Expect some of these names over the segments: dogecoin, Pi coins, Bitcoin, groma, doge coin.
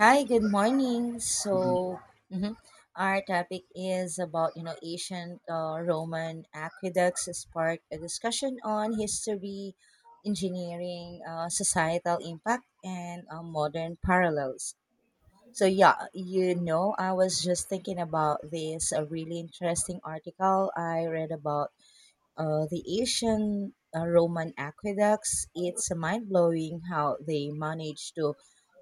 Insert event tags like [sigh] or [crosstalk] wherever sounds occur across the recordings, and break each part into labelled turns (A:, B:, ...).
A: Hi, good morning. Mhm, our topic is about, you know, ancient Roman aqueducts sparked a discussion on history, engineering, societal impact, and modern parallels. You know, I was just thinking about this a really interesting article I read about the ancient Roman aqueducts. It's mind blowing how they managed to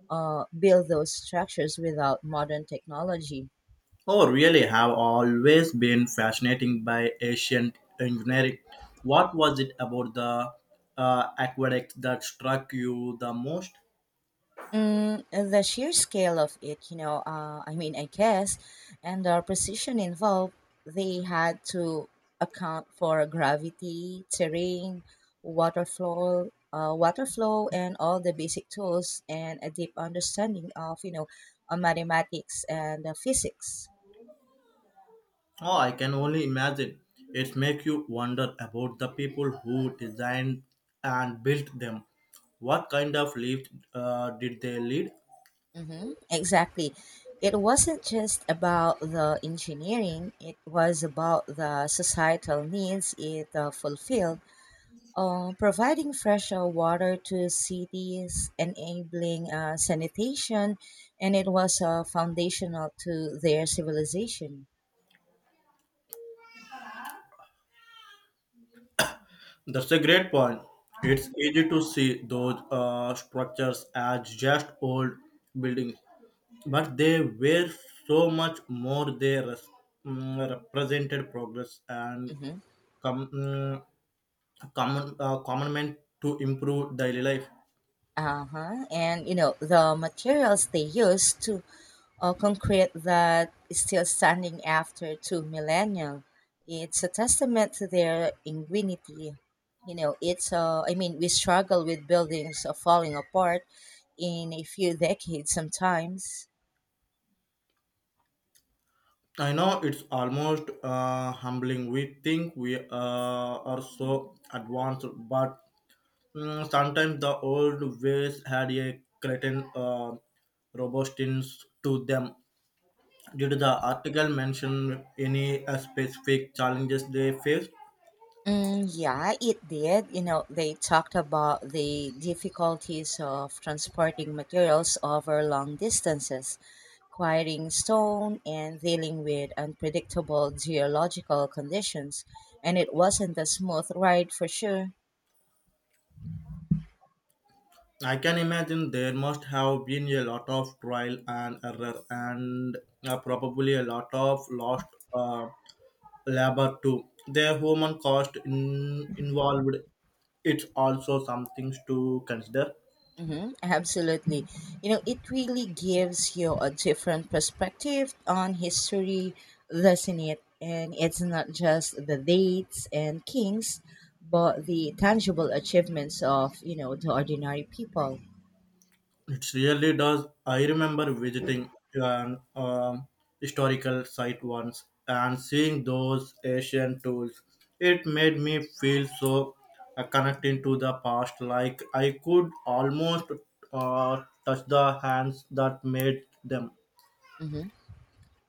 A: build those structures without modern technology.
B: Oh, really have always been fascinating by ancient engineering. What was it about the aqueduct that struck you the most?
A: Mm, the sheer scale of it, you know, and the precision involved, they had to account for gravity, terrain, water flow, and all the basic tools and a deep understanding of, you know, on mathematics and physics.
B: Oh, I can only imagine. It makes you wonder about the people who designed and built them. What kind of life did they lead?
A: Mm-hmm. Exactly. It wasn't just about the engineering, it was about the societal needs it fulfilled. Providing fresh water to cities, enabling sanitation, and it was foundational to their civilization.
B: That's a great point. It's easy to see those structures as just old buildings, but they were so much more represented progress and
A: Hmm.
B: com- mm, common commandment to improve daily life.
A: Uh-huh. And you know, the materials they used to concrete that is still standing after two millennia. It's a testament to their ingenuity. You know, we struggle with buildings falling apart in a few decades sometimes.
B: I know it's almost humbling. We think we are so advanced, but sometimes the old ways had a certain robustness to them. Did the article mention any specific challenges they faced?
A: Mm, yeah, it did. You know, they talked about the difficulties of transporting materials over long distances, quarrying stone, and dealing with unpredictable geological conditions. And it wasn't a smooth ride for sure.
B: I can imagine there must have been a lot of trial and error, and probably a lot of lost uh, labor too. The human cost involved, it's also something to consider.
A: Mm-hmm, absolutely. You know, it really gives you a different perspective on history, doesn't it? And it's not just the dates and kings, but the tangible achievements of, you know, the ordinary people.
B: It really does. I remember visiting an historical site once and seeing those ancient tools. It made me feel so connected to the past, like I could almost touch the hands that made them.
A: Mm-hmm.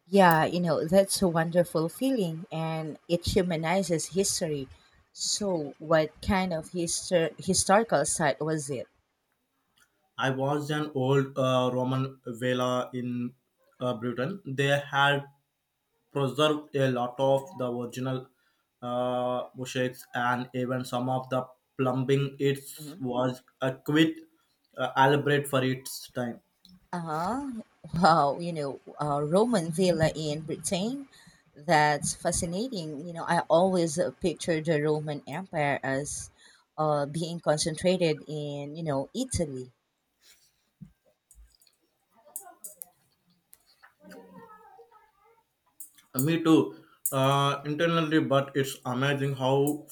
A: Yeah, you know, that's a wonderful feeling and it humanizes history. So, what kind of historical site was it?
B: I was an old Roman villa in Britain. They had preserved a lot of the original mosaics and even some of the plumbing. It was a quite elaborate for its time.
A: Uh-huh. Wow, you know, Roman Villa in Britain. That's fascinating. You know, I always pictured the Roman Empire as being concentrated in, you know, Italy.
B: Me too, internally, but it's amazing how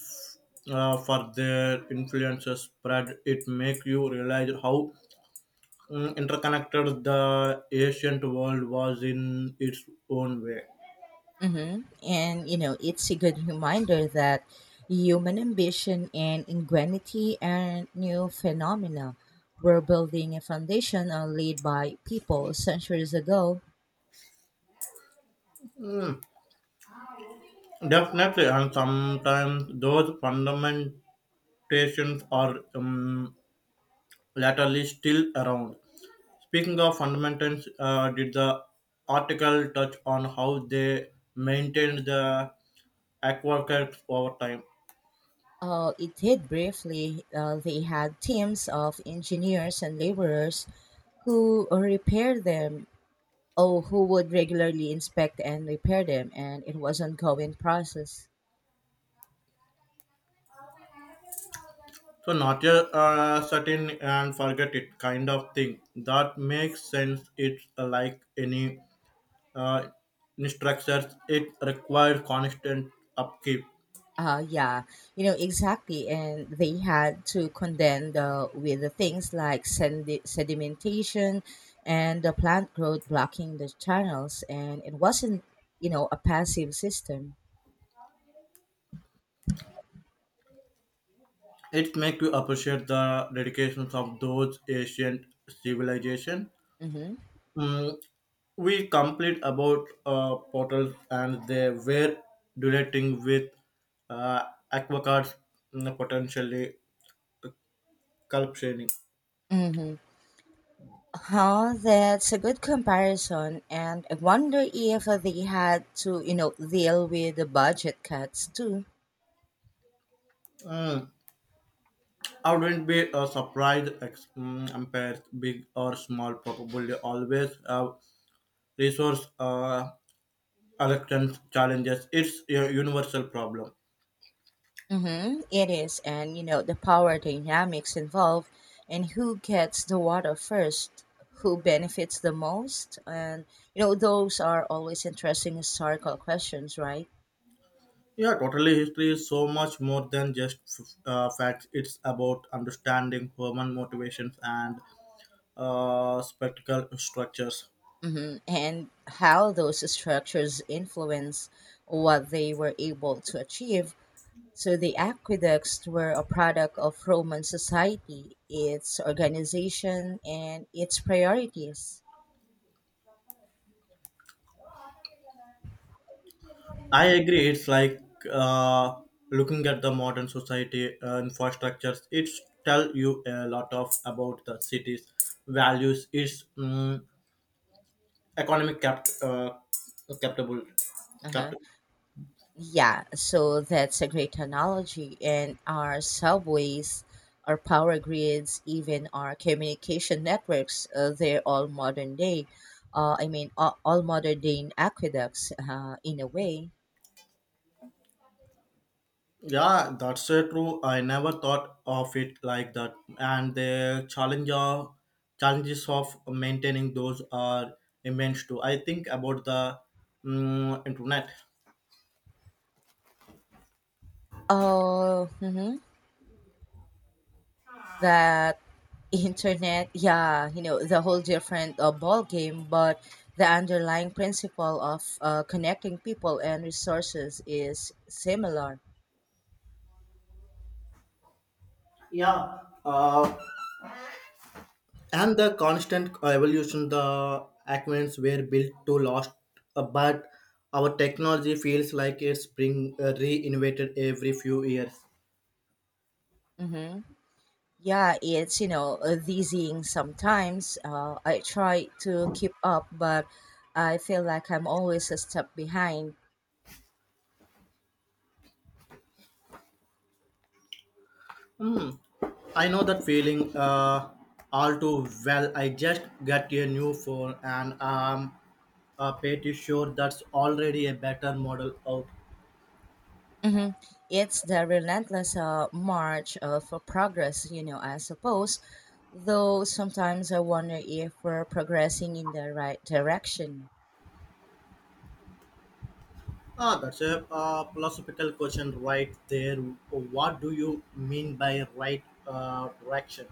B: for their influences spread. It make you realize how interconnected the ancient world was in its own way.
A: Hmm. And, you know, it's a good reminder that human ambition and ingenuity and new phenomena were building a foundation laid by people centuries ago.
B: Definitely, and sometimes those fundamental adaptations are latterly still around. Speaking of fundamentals, did the article touch on how they maintained the aquaculture over time?
A: It did briefly. They had teams of engineers and laborers who repaired them, or who would regularly inspect and repair them, and it was ongoing process.
B: So not just set in and forget it kind of thing. That makes sense. It's like any uh, structures. It requires constant upkeep.
A: Yeah, you know exactly, and they had to contend with the things like sedimentation and the plant growth blocking the channels, and it wasn't, you know, a passive system.
B: It makes you appreciate the dedications of those ancient civilization.
A: Mm-hmm.
B: Mm, we complained about portals and they were dilating with uh, aquacards, potentially corruption.
A: Mm-hmm. Huh, that's a good comparison, and I wonder if they had to, you know, deal with the budget cuts too.
B: Mm, I wouldn't be surprised. Empires, big or small, probably always have resource allocation challenges. It's a universal problem.
A: Mm-hmm, it is, and you know, the power dynamics involved, and who gets the water first, who benefits the most, and you know, those are always interesting historical questions, right?
B: Yeah, totally. History is so much more than just facts. It's about understanding human motivations and spectacle structures.
A: Mm-hmm, and how those structures influence what they were able to achieve. So the aqueducts were a product of Roman society, its organization, and its priorities.
B: I agree. It's like uh, looking at the modern society infrastructures. It's tell you a lot of about the city's values, its economic capable
A: Uh-huh.
B: cap.
A: Yeah, so that's a great analogy. And our subways, our power grids, even our communication networks, they're all modern day. All modern day aqueducts in a way.
B: Yeah, that's so true. I never thought of it like that. And challenges of maintaining those are immense too. I think about the internet.
A: Mhm. that [laughs] Internet, yeah, you know, the whole different ball game, but the underlying principle of connecting people and resources is similar.
B: Yeah, uh, and the constant evolution, the acquaintances were built to last, but our technology feels like it's being reinvented every few years.
A: Hmm. Yeah, it's you know dizzying sometimes. I try to keep up, but I feel like I'm always a step behind.
B: Hmm. I know that feeling all too well. I just got a new phone and I'm pretty sure that's already a better model out.
A: Hmm. It's the relentless march of progress, you know, I suppose. Though sometimes I wonder if we're progressing in the right direction.
B: Ah, that's a philosophical question right there. What do you mean by right direction?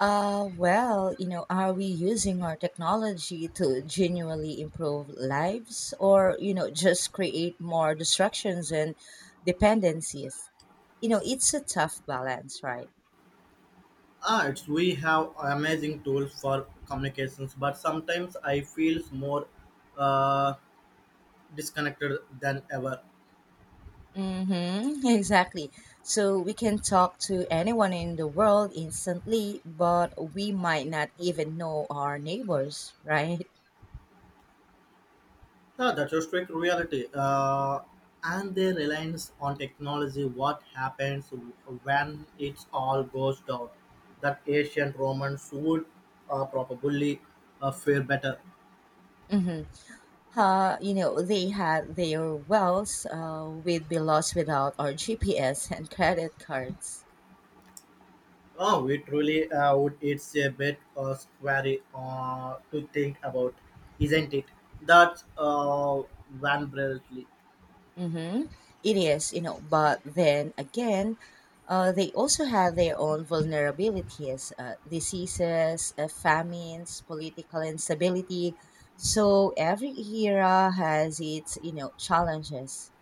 A: Well, you know, are we using our technology to genuinely improve lives or, you know, just create more distractions and dependencies? You know, it's a tough balance, right?
B: Ah, it's we have amazing tools for communications, but sometimes I feel more uh, disconnected than ever.
A: Mm-hmm, [laughs] exactly. So we can talk to anyone in the world instantly, but we might not even know our neighbors, [laughs] right?
B: Yeah, that's a strict reality. And their reliance on technology, what happens when it all goes down? That ancient Romans would probably fare better.
A: Mm-hmm. You know, they had their wells. We'd be lost without our GPS and credit cards.
B: Oh, it really would. It's a bit scary to think about, isn't it? That's Van Breltley.
A: Mm-hmm. It is, you know, but then again, they also have their own vulnerabilities, diseases, famines, political instability. So every era has its, you know, challenges.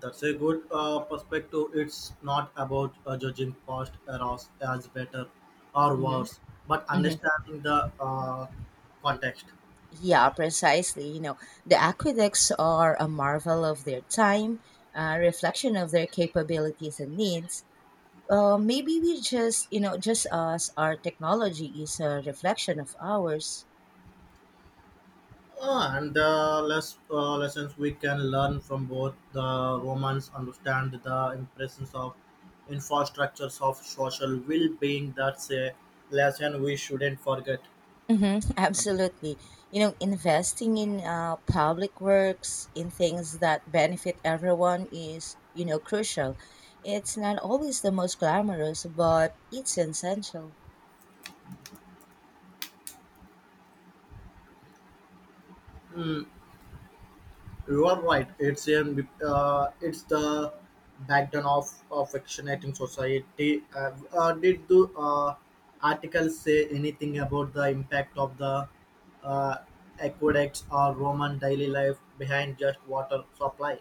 B: That's a good perspective. It's not about judging past errors as better or
A: Mm-hmm.
B: worse, but
A: Mm-hmm.
B: understanding the context.
A: Yeah, precisely. You know, the aqueducts are a marvel of their time, a reflection of their capabilities and needs. Maybe we just us, our technology is a reflection of ours.
B: Ah, and the lessons we can learn from both the Romans understand the importance of infrastructures of social well-being. That's a lesson we shouldn't forget.
A: Hmm, absolutely. You know, investing in public works, in things that benefit everyone is, you know, crucial. It's not always the most glamorous, but it's essential.
B: Mm, you are right. It's the backbone of affectionating society. Did the article say anything about the impact of the uh, aqueducts or Roman daily life behind just water supply?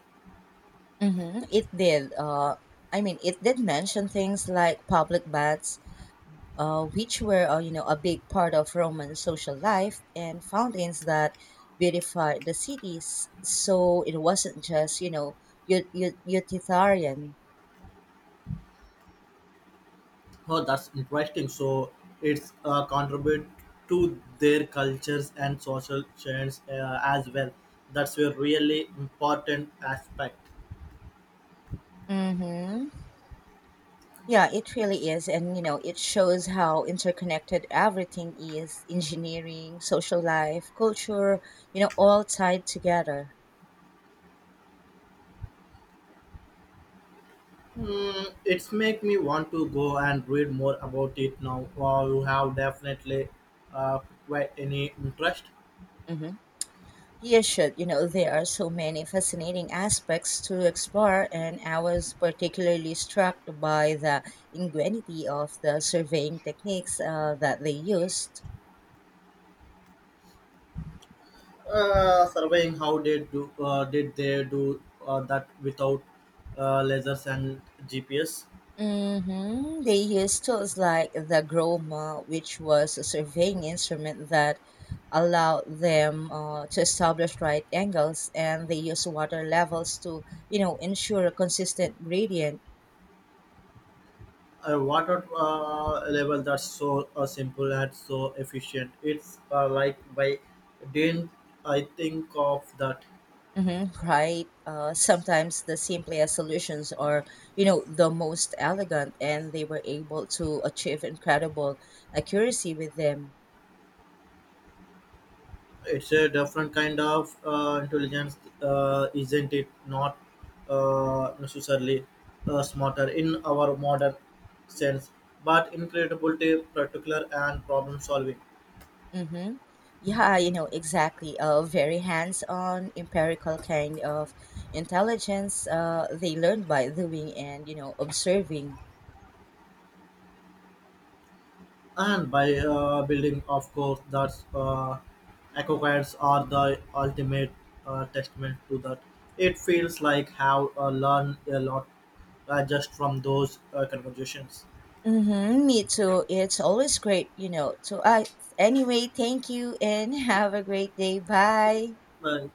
A: Hmm. It did. It did mention things like public baths, which were, you know, a big part of Roman social life, and fountains that beautified the cities. So it wasn't just, you know, utilitarian.
B: Oh, that's interesting. So it's contribute to their cultures and social change as well. That's a really important aspect.
A: Mm-hmm. Yeah, it really is. And, you know, it shows how interconnected everything is engineering, social life, culture, you know, all tied together.
B: Hmm, it's make me want to go and read more about it now. Wow, you have definitely uh, quite any interest.
A: Hmm. You should, you know, there are so many fascinating aspects to explore. And I was particularly struck by the ingenuity of the surveying techniques that they used.
B: Surveying how they do did they do that without lasers and GPS?
A: Mm-hmm. They used tools like the groma, which was a surveying instrument that allowed them to establish right angles, and they used water levels to, you know, ensure a consistent gradient.
B: A water level that's so simple and so efficient. It's like by didn't I think of that?
A: Mm-hmm. Right. Sometimes the simplest solutions are, you know, the most elegant, and they were able to achieve incredible accuracy with them.
B: It's a different kind of intelligence, isn't it? Not necessarily smarter in our modern sense, but incredible, particular, and problem solving.
A: Mm-hmm. Yeah, you know, exactly. A very hands-on, empirical kind of intelligence they learn by doing and, you know, observing.
B: And by building, of course, that's aquacards are the ultimate testament to that. It feels like have learned a lot just from those conversations.
A: Mm-hmm. Me too. It's always great, you know. So, I Anyway, thank you and [laughs] have a great day. Bye.
B: Uh,